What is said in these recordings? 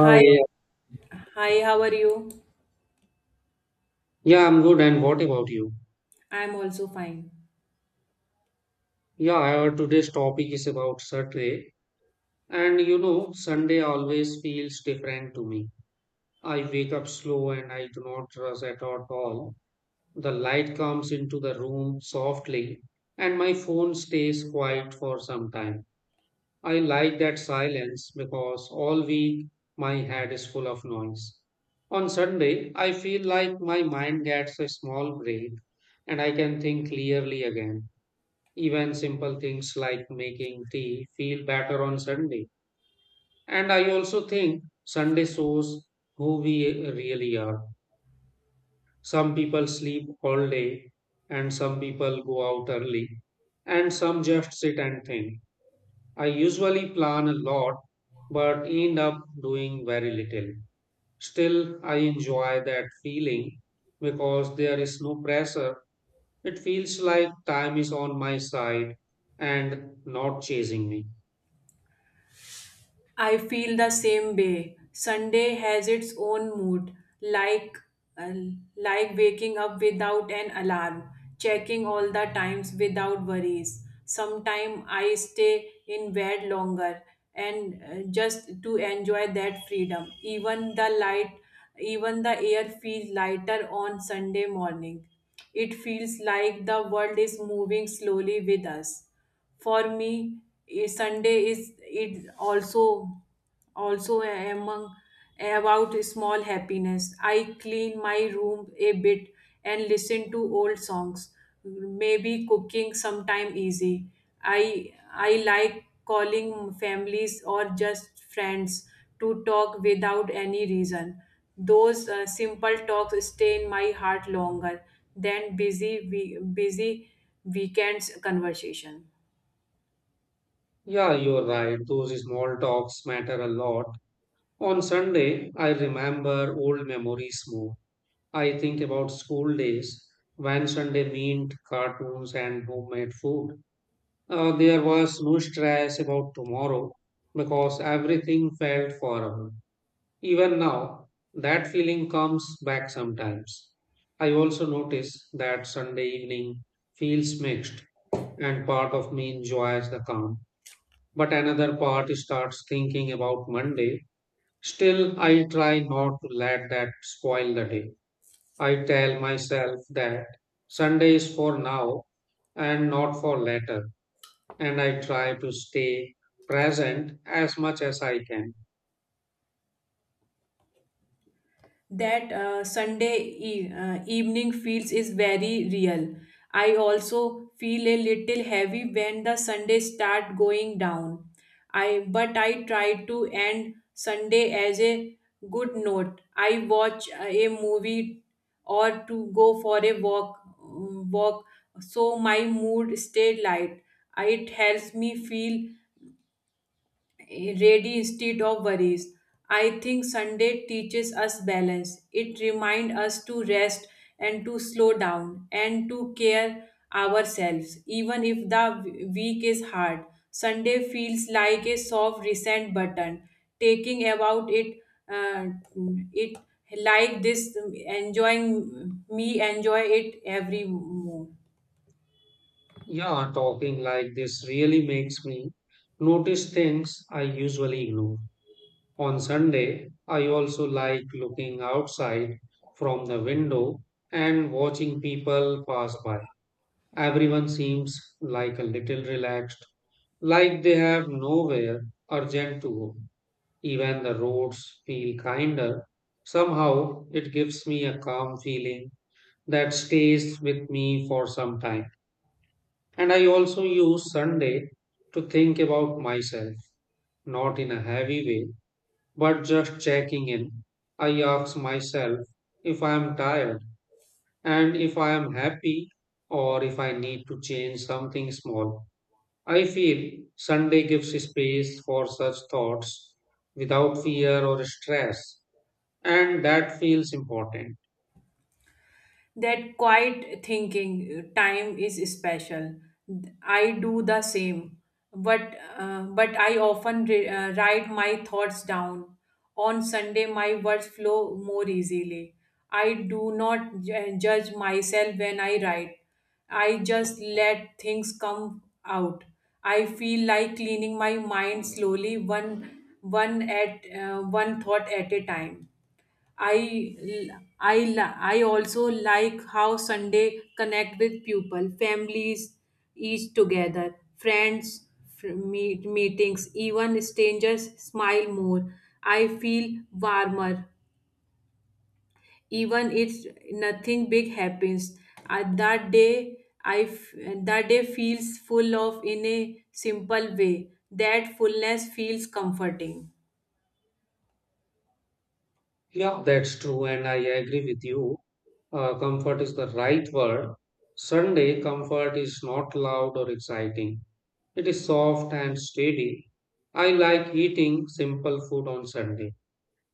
Hi, hi, how are you? yeah, I'm good. And what about you? I'm also fine. Yeah, our today's topic is about Saturday. And you know, Sunday always feels different to me. I wake up slow and I do not rush at all. The light comes into the room softly, and my phone stays quiet for some time. I like that silence because all week my head is full of noise. On Sunday, I feel like my mind gets a small break and I can think clearly again. Even simple things like making tea feel better on Sunday. And I also think Sunday shows who we really are. Some people sleep all day, and some people go out early, and some just sit and think. I usually plan a lot, but end up doing very little. Still, I enjoy that feeling because there is no pressure. It feels like time is on my side and not chasing me. I feel the same way. Sunday has its own mood, like uh, like waking up without an alarm, checking all the times without worries. Sometime I stay in bed longer and just to enjoy that freedom. Even the light, even the air feels lighter on Sunday morning. It feels like the world is moving slowly with us. For me, a Sunday is it also also among about small happiness. I clean my room a bit and listen to old songs. Maybe cooking sometime easy. I like calling families or just friends to talk without any reason. Those simple talks stay in my heart longer than busy weekends conversation. Yeah, you're right. Those small talks matter a lot. On Sunday, I remember old memories more. I think about school days when Sunday meant cartoons and homemade food. There was no stress about tomorrow because everything felt forever. Even now, that feeling comes back sometimes. I also notice that Sunday evening feels mixed, and part of me enjoys the calm but another part starts thinking about Monday. Still, I try not to let that spoil the day. I tell myself that Sunday is for now and not for later, and I try to stay present as much as I can. That Sunday evening feels is very real. I also feel a little heavy when the Sunday start going down. I but I try to end Sunday as a good note. I watch a movie or to go for a walk so my mood stay light. It helps me feel ready instead of worries. I think Sunday teaches us balance. It reminds us to rest and to slow down and to care ourselves. Even if the week is hard, Sunday feels like a soft reset button. Taking about it, uh, it like this, enjoy it every more. Yeah, talking like this really makes me notice things I usually ignore. On Sunday, I also like looking outside from the window and watching people pass by. Everyone seems like a little relaxed, like they have nowhere urgent to go. Even the roads feel kinder. Somehow it gives me a calm feeling that stays with me for some time. And I also use Sunday to think about myself, not in a heavy way, but just checking in. I ask myself if I am tired and if I am happy or if I need to change something small. I feel Sunday gives space for such thoughts without fear or stress, and that feels important. That quiet thinking time is special. I do the same but but I often write my thoughts down. On Sunday my words flow more easily. I do not judge myself when I write. I just let things come out. I feel like cleaning my mind slowly one thought at a time. I I also like how Sunday connect with people, families, each together, friends, meetings, even strangers smile more. I feel warmer, even if nothing big happens. At that day, I f- that day feels full of in a simple way. That fullness feels comforting. Yeah, that's true, and I agree with you. Comfort is the right word. Sunday comfort is not loud or exciting, it is soft and steady. I like eating simple food on Sunday.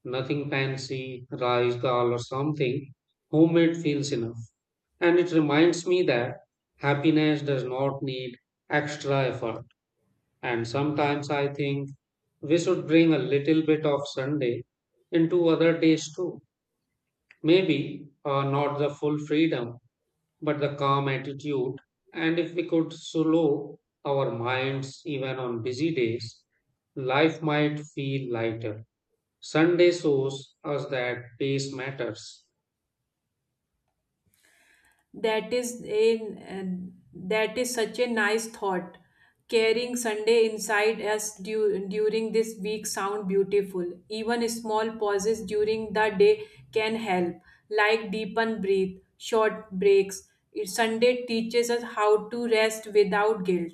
Nothing fancy, rice, dal, or something. Homemade feels enough. And it reminds me that happiness does not need extra effort. And sometimes I think we should bring a little bit of Sunday into other days too. Maybe not the full freedom, but the calm attitude. And if we could slow our minds even on busy days, life might feel lighter. Sunday shows us that pace matters. That is a that is such a nice thought. Carrying Sunday inside us during this week sound beautiful. Even small pauses during the day can help, like deepen breathe, short breaks. Sunday teaches us how to rest without guilt.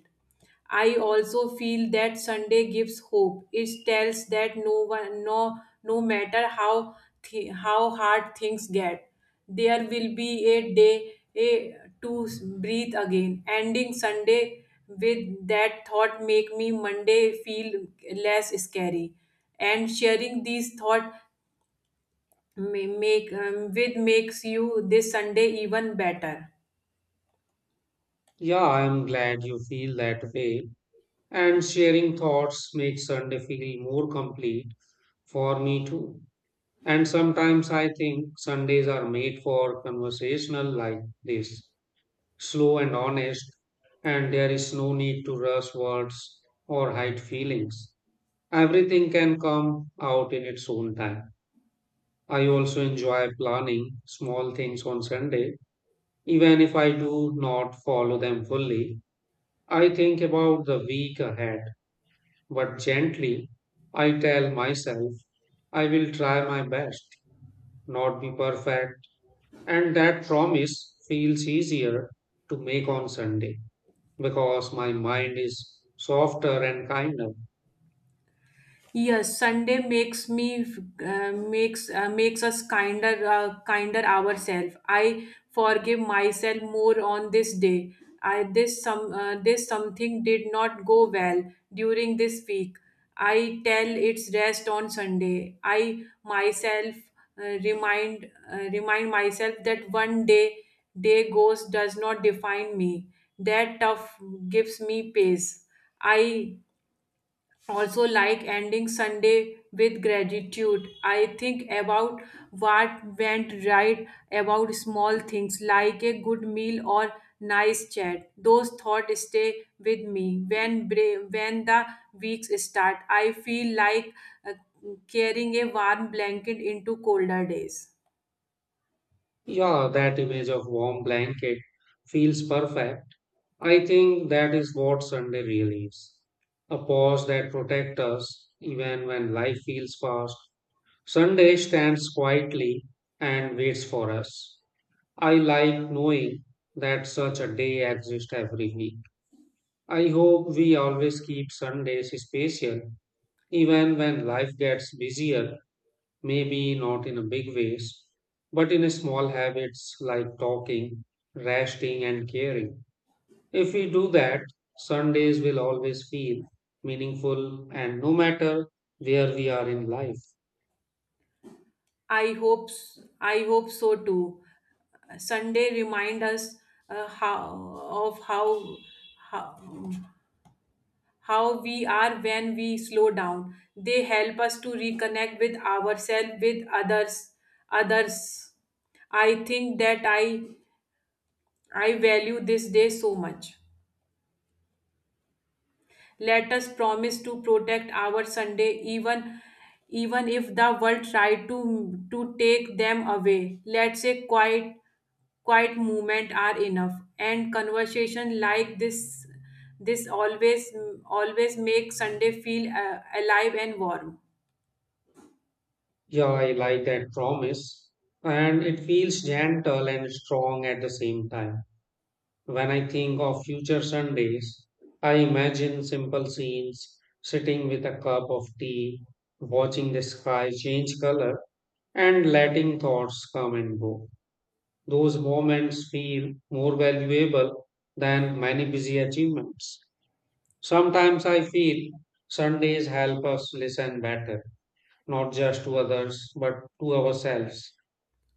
I also feel that Sunday gives hope. It tells that no one, no, no matter how how hard things get, there will be a day to breathe again. Ending Sunday with that thought make me Monday feel less scary, and sharing these thought makes you this Sunday even better. Yeah, I am glad you feel that way. And sharing thoughts makes Sunday feel more complete for me too. And sometimes I think Sundays are made for conversational like this, slow and honest, and there is no need to rush words or hide feelings. Everything can come out in its own time. I also enjoy planning small things on Sunday, even if I do not follow them fully. I think about the week ahead. But gently, I tell myself I will try my best, not be perfect. And that promise feels easier to make on Sunday because my mind is softer and kinder. Yes, Sunday makes me makes makes us kinder ourselves. I forgive myself more on this day. I this some this something did not go well during this week. I tell its rest on Sunday. I myself uh, remind remind myself that one day goes does not define me. That tough gives me pace. I also like ending Sunday with gratitude. I think about what went right, about small things like a good meal or nice chat. Those thoughts stay with me when the weeks start. I feel like uh, carrying a warm blanket into colder days. Yeah, that image of warm blanket feels perfect. I think that is what Sunday really is. A pause that protects us even when life feels fast. Sunday stands quietly and waits for us. I like knowing that such a day exists every week. I hope we always keep Sundays special, even when life gets busier, maybe not in a big ways, but in small habits like talking, resting, and caring. If we do that, Sundays will always feel meaningful and no matter where we are in life. I hope so too. Sunday remind us how of how how we are when we slow down. They help us to reconnect with ourselves, with others. I think that I value this day so much. Let us promise to protect our Sunday even if the world try to take them away. Let's say quiet movement are enough, and conversation like this always make Sunday feel alive and warm. Yeah, I like that promise, and it feels gentle and strong at the same time. When I think of future Sundays, I imagine simple scenes, sitting with a cup of tea, watching the sky change color, and letting thoughts come and go. Those moments feel more valuable than many busy achievements. Sometimes I feel Sundays help us listen better, not just to others, but to ourselves.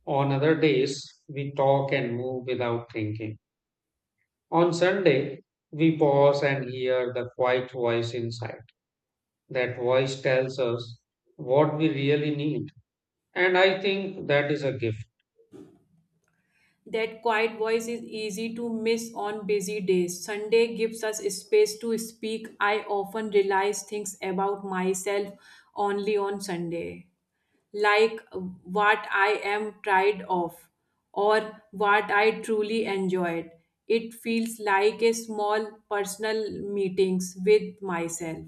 On other days, we talk and move without thinking. On Sunday, we pause and hear the quiet voice inside. That voice tells us what we really need. And I think that is a gift. That quiet voice is easy to miss on busy days. Sunday gives us space to speak. I often realize things about myself only on Sunday, like what I am tired of or what I truly enjoyed. It feels like a small personal meetings with myself.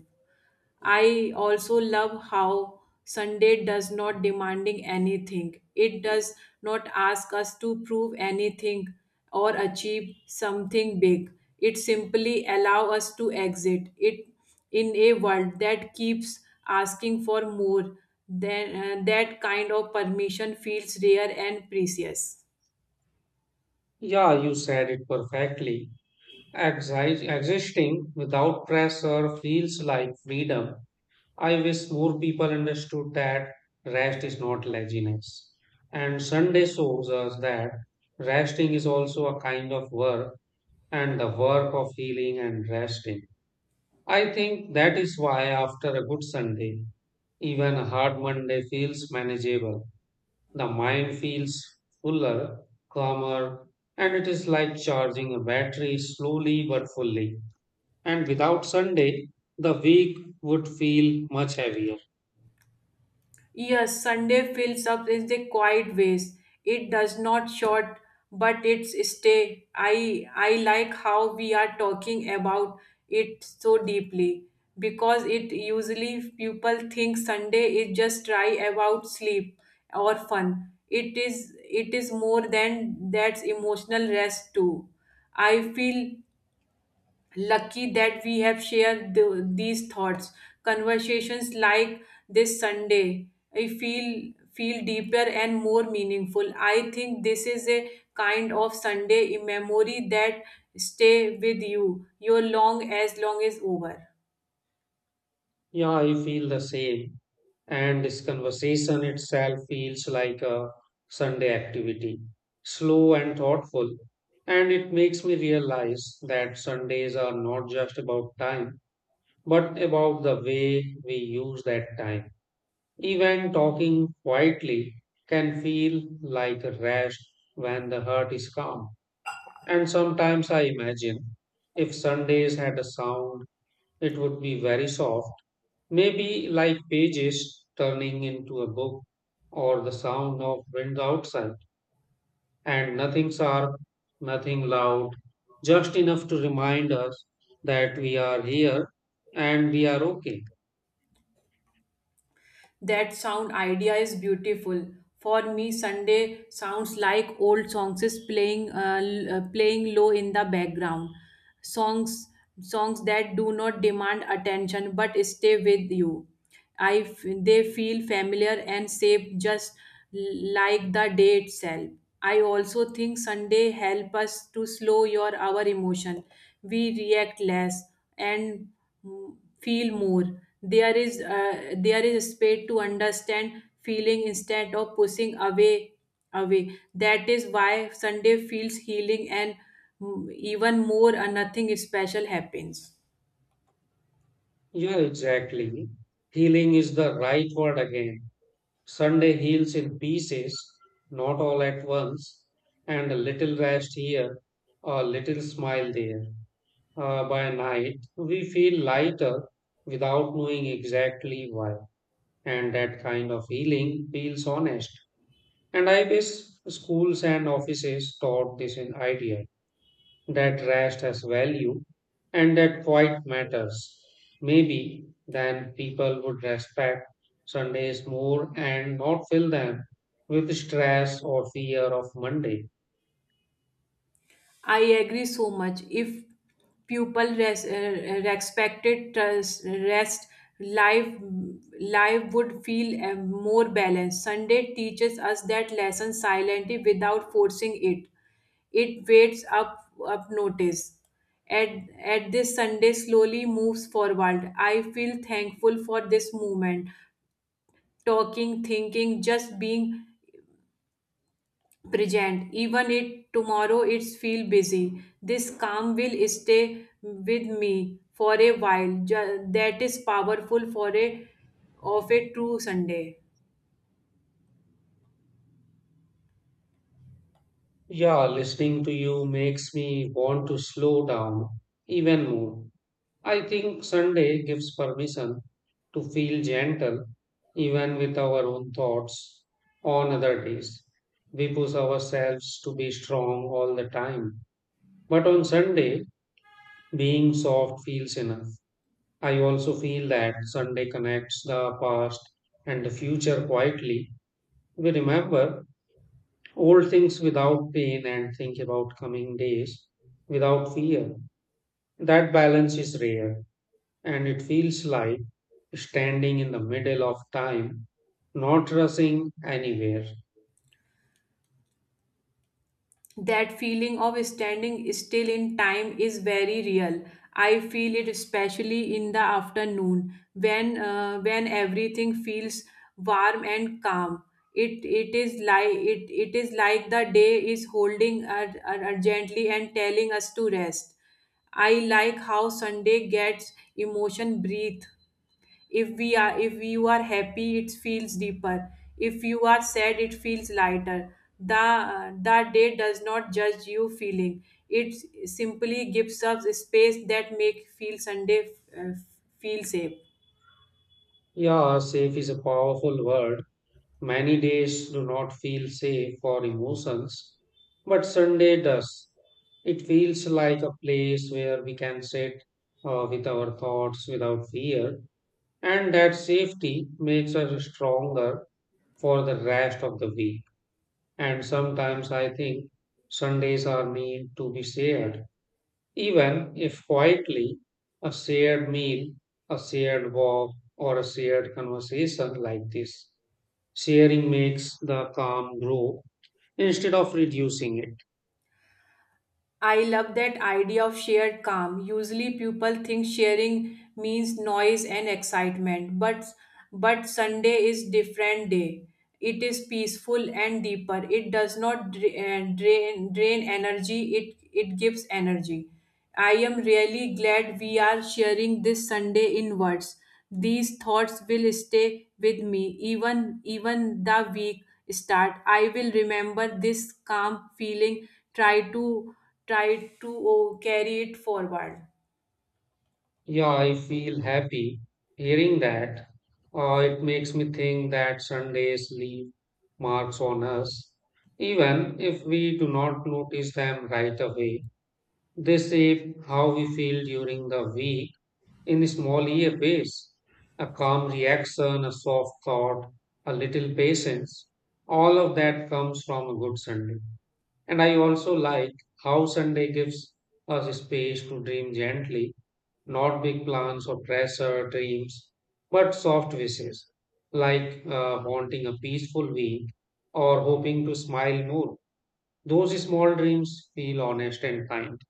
I also love how Sunday does not demanding anything. It does not ask us to prove anything or achieve something big. It simply allow us to exit it in a world that keeps asking for more. Then that kind of permission feels rare and precious. Yeah, you said it perfectly. Existing without pressure feels like freedom. I wish more people understood that rest is not laziness. And Sunday shows us that resting is also a kind of work and the work of healing and resting. I think that is why after a good Sunday, even a hard Monday feels manageable. The mind feels fuller, calmer, and it is like charging a battery slowly but fully. And without Sunday, the week would feel much heavier. Yes, Sunday fills up in the quiet ways. It does not short, but it's stay. I like how we are talking about it so deeply because it usually people think Sunday is just try about sleep or fun. It is more than that's emotional rest too. I feel lucky that we have shared these thoughts. Conversations like this Sunday I feel deeper and more meaningful. I think this is a kind of Sunday memory that stay with you your long as long is over. Yeah, I feel the same. And this conversation itself feels like a Sunday activity, slow and thoughtful. And it makes me realize that Sundays are not just about time, but about the way we use that time. Even talking quietly can feel like a rest when the heart is calm. And sometimes I imagine if Sundays had a sound, it would be very soft. Maybe like pages turning into a book or the sound of wind outside and nothing sharp, nothing loud, just enough to remind us that we are here and we are okay. That sound idea is beautiful. For me, Sunday sounds like old songs is playing playing low in the background. Songs songs that do not demand attention but stay with you. They feel familiar and safe just like the day itself. I also think Sunday help us to slow your our emotion. We react less and feel more. There is a space to understand feeling instead of pushing away. That is why Sunday feels healing, and even more nothing special happens. Yeah, exactly. Healing is the right word again. Sunday heals in pieces, not all at once, and a little rest here, a little smile there. By night, we feel lighter without knowing exactly why. And that kind of healing feels honest. And I wish schools and offices taught this in idea that rest has value and that quiet matters. Maybe then people would respect Sundays more and not fill them with stress or fear of Monday. I agree so much. If people respected rest, life life would feel more balanced. Sunday teaches us that lesson silently without forcing it. It waits up notice. At, at this Sunday slowly moves forward. I feel thankful for this movement. Talking, thinking, just being present. Even it tomorrow it's feel busy. This calm will stay with me for a while. That is powerful for a of a true Sunday. Yeah, listening to you makes me want to slow down even more. I think Sunday gives permission to feel gentle even with our own thoughts. On other days, we push ourselves to be strong all the time. But on Sunday, being soft feels enough. I also feel that Sunday connects the past and the future quietly. We remember old things without pain and think about coming days without fear. That balance is rare, and it feels like standing in the middle of time, not rushing anywhere. That feeling of standing still in time is very real. I feel it especially in the afternoon when everything feels warm and calm. It is like the day is holding us urgently and telling us to rest. I like how Sunday gets emotion breathe. If you are happy it feels deeper. If you are sad it feels lighter. The the day does not judge you feeling. It simply gives us space that make feel Sunday uh, feel safe. Yeah, safe is a powerful word. Many days do not feel safe for emotions, but Sunday does. It feels like a place where we can sit with our thoughts without fear, and that safety makes us stronger for the rest of the week. And sometimes I think Sundays are meant to be shared even if quietly, a shared meal, a shared walk, or a shared conversation like this. Sharing makes the calm grow instead of reducing it. I love that idea of shared calm. Usually people think sharing means noise and excitement, but Sunday is different day. It is peaceful and deeper. It does not drain energy. It gives energy. I am really glad we are sharing this Sunday in words. These thoughts will stay with me even the week start. I will remember this calm feeling. Try to try to carry it forward. Yeah, I feel happy hearing that. It makes me think that Sundays leave marks on us, even if we do not notice them right away. They shape how we feel during the week in small EF ways. A calm reaction, a soft thought, a little patience. All of that comes from a good Sunday. And I also like how Sunday gives us space to dream gently, not big plans or pressure dreams, but soft wishes, like wanting a peaceful week or hoping to smile more. Those small dreams feel honest and kind.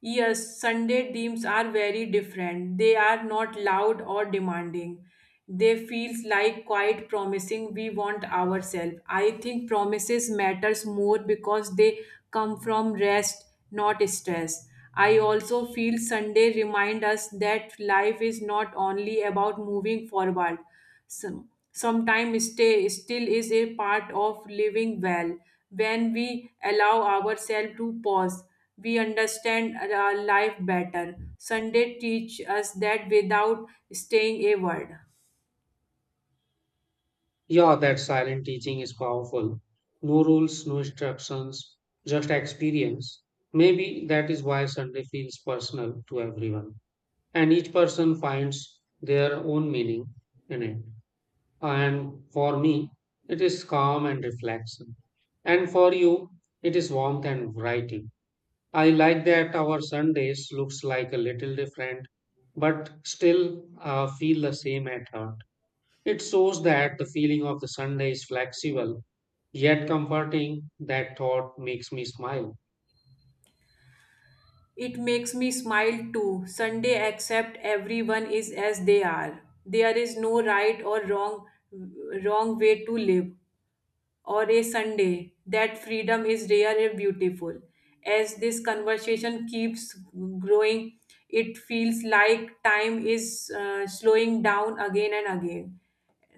Yes, Sunday themes are very different. They are not loud or demanding. They feels like quite promising we want ourselves. I think promises matters more because they come from rest, not stress. I also feel Sunday remind us that life is not only about moving forward. Sometime stay still is a part of living well. When we allow ourselves to pause we understand our life better. Sunday teach us that without staying a word. Yeah, that silent teaching is powerful. No rules, no instructions, just experience. Maybe that is why Sunday feels personal to everyone. And each person finds their own meaning in it. And for me, it is calm and reflection. And for you, it is warmth and variety. I like that our Sundays looks like a little different, but still feel the same at heart. It shows that the feeling of the Sunday is flexible, yet comforting. That thought makes me smile. It makes me smile too. Sunday accept everyone is as they are. There is no right or wrong way to live or a Sunday. That freedom is rare and beautiful. As this conversation keeps growing, it feels like time is slowing down again and again.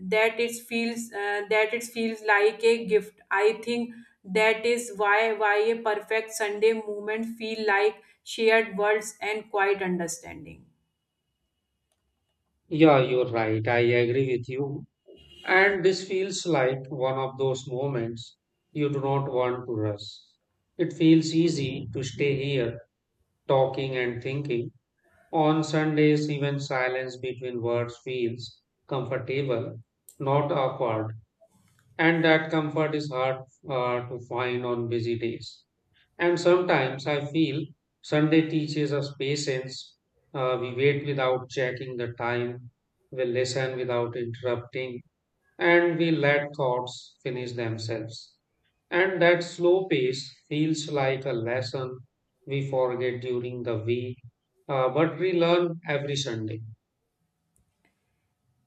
That it feels like a gift. I think that is why a perfect Sunday moment feel like shared words and quiet understanding. Yeah, you're right. I agree with you. And this feels like one of those moments you do not want to rush. It feels easy to stay here, talking and thinking. On Sundays, even silence between words feels comfortable, not awkward. And that comfort is hard to find on busy days. And sometimes I feel Sunday teaches us patience. We wait without checking the time, we listen without interrupting, and we let thoughts finish themselves. And that slow pace feels like a lesson we forget during the week, but we learn every Sunday.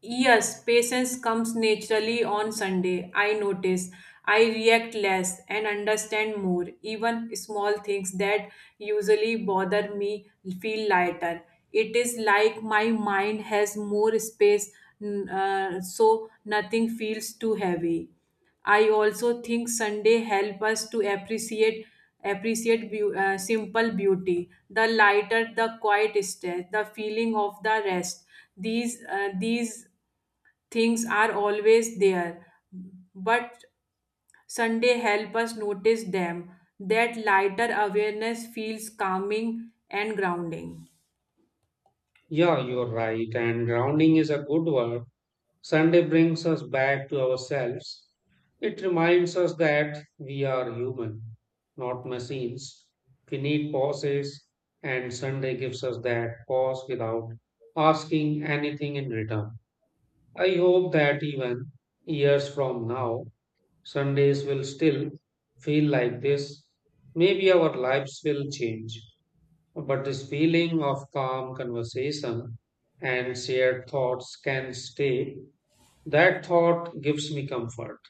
Yes, patience comes naturally on Sunday. I notice. I react less and understand more. Even small things that usually bother me feel lighter. It is like my mind has more space, so nothing feels too heavy. I also think Sunday help us to appreciate simple beauty. The lighter, the quiet stretch, the feeling of the rest. These things are always there, but Sunday help us notice them. That lighter awareness feels calming and grounding. Yeah, you're right. And grounding is a good word. Sunday brings us back to ourselves. It reminds us that we are human, not machines. We need pauses, and Sunday gives us that pause without asking anything in return. I hope that even years from now, Sundays will still feel like this. Maybe our lives will change, but this feeling of calm conversation and shared thoughts can stay. That thought gives me comfort.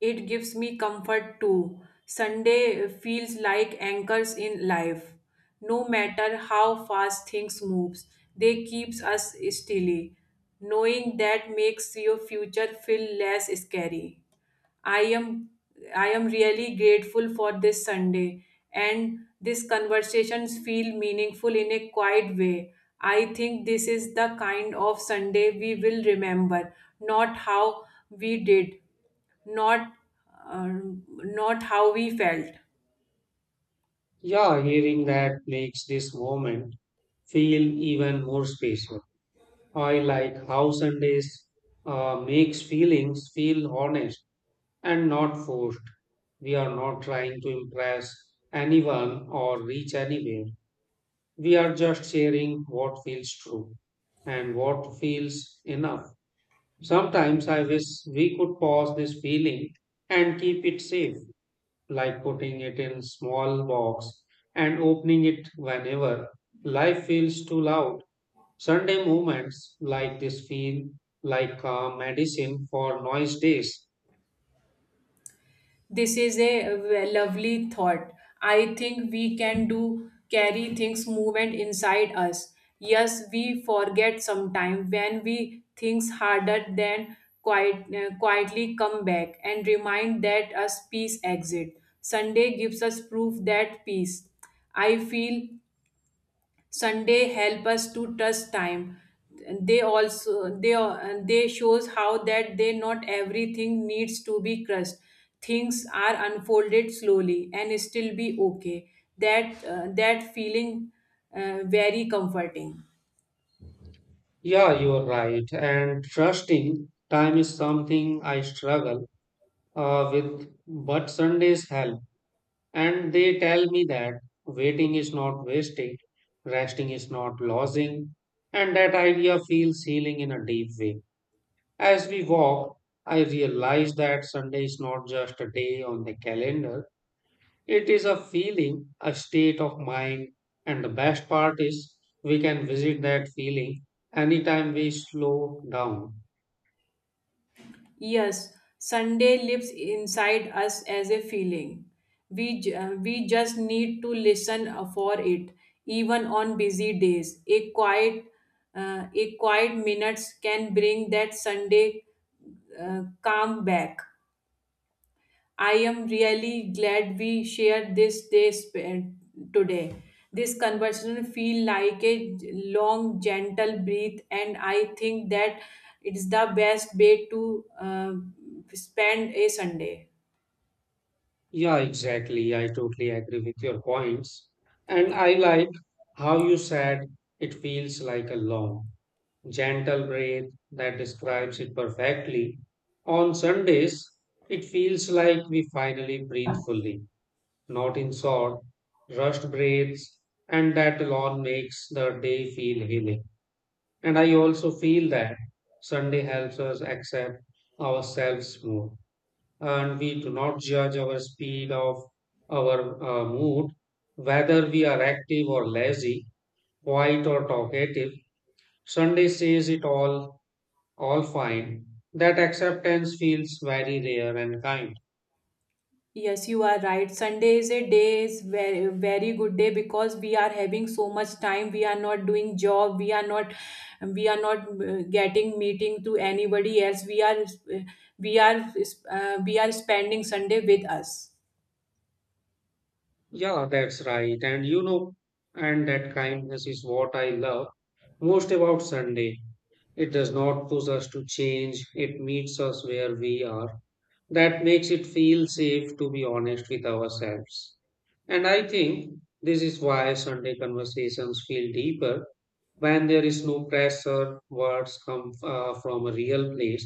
It gives me comfort too. Sunday feels like anchors in life. No matter how fast things moves, they keeps us steady. Knowing that makes your future feel less scary. I am I am really grateful for this Sunday, and these conversations feel meaningful in a quiet way. I think this is the kind of Sunday we will remember, not how we did not uh, not how we felt. Yeah, hearing that makes this moment feel even more special. I like how Sundays makes feelings feel honest and not forced. We are not trying to impress anyone or reach anywhere. We are just sharing what feels true and what feels enough. Sometimes I wish we could pause this feeling and keep it safe. Like putting it in small box and opening it whenever life feels too loud. Sunday moments like this feel like a medicine for noise days. This is a lovely thought. I think we can do carry things movement inside us. Yes, we forget sometime when we things harder than quietly come back and remind that us peace exit. Sunday gives us proof that peace. I feel Sunday help us to trust time. They also they they shows how that they not everything needs to be crushed. Things are unfolded slowly and still be okay. That feeling very comforting. Yeah, you're right. And trusting time is something I struggle with, but Sundays help. And they tell me that waiting is not wasting, resting is not losing, and that idea feels healing in a deep way. As we walked, I realized that Sunday is not just a day on the calendar, it is a feeling, a state of mind, and the best part is we can visit that feeling anytime we slow down. Yes, Sunday lives inside us as a feeling. We just need to listen for it, even on busy days. A quiet minutes can bring that Sunday calm back. I am really glad we shared this day today. This conversation feel like a long, gentle breath, and I think that it's the best way to spend a Sunday. Yeah, exactly. I totally agree with your points. And I like how you said it feels like a long, gentle breath that describes it perfectly. On Sundays, it feels like we finally breathe fully not in short, rushed breaks, and that alone makes the day feel healing. And I also feel that Sunday helps us accept ourselves more, and we do not judge our speed of our mood, whether we are active or lazy, quiet or talkative. Sunday says it all fine. That acceptance feels very rare and kind. Yes, you are right. Sunday is a day is very good day because we are having so much time. We are not doing job. We are not getting meeting to anybody else. We are we are spending Sunday with us. Yeah, that's right. And you know, and that kindness is what I love most about Sunday. It does not push us to change, it meets us where we are. That makes it feel safe to be honest with ourselves. And I think this is why Sunday conversations feel deeper when there is no pressure, words come from a real place.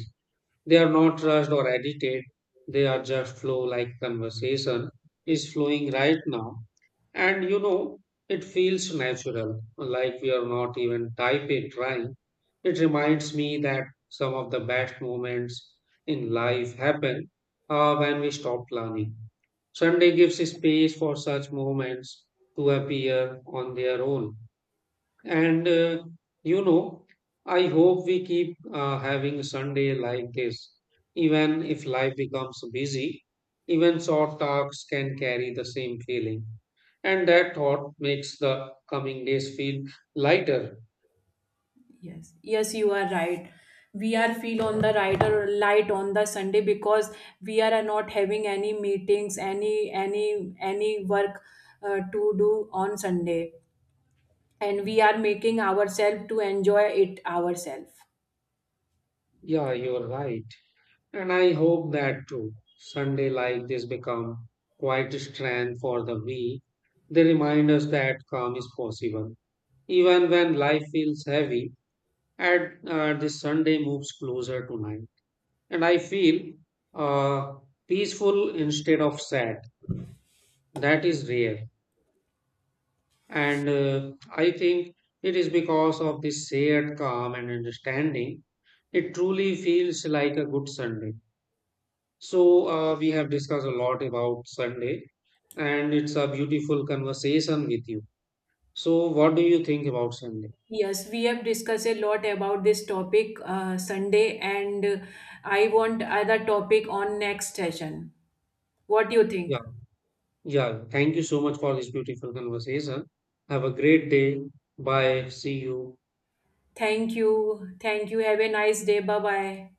They are not rushed or edited, they are just flow like conversation is flowing right now and you know, it feels natural, like we are not even type A trying. It reminds me that some of the best moments in life happen when we stop planning. Sunday gives space for such moments to appear on their own. And uh, you know, I hope we keep having Sunday like this. Even if life becomes busy, even short talks can carry the same feeling. And that thought makes the coming days feel lighter. Yes, yes, you are right. We are feel on the right or light on the Sunday because we are not having any meetings, any work to do on Sunday, and we are making ourselves to enjoy it ourselves. Yeah, you're right. And I hope that too. Sunday like this become quite a strength for the week. They remind us that calm is possible. Even when life feels heavy, and the Sunday moves closer to night. And I feel uh, peaceful instead of sad. That is rare, and I think it is because of this shared calm and understanding. It truly feels like a good Sunday. So, we have discussed a lot about Sunday, and it's a beautiful conversation with you. So, what do you think about Sunday? Yes, we have discussed a lot about this topic Sunday, and I want other topic on next session. What do you think? Yeah. Yeah, thank you so much for this beautiful conversation. Have a great day. Bye. See you. Thank you. Thank you. Have a nice day. Bye bye.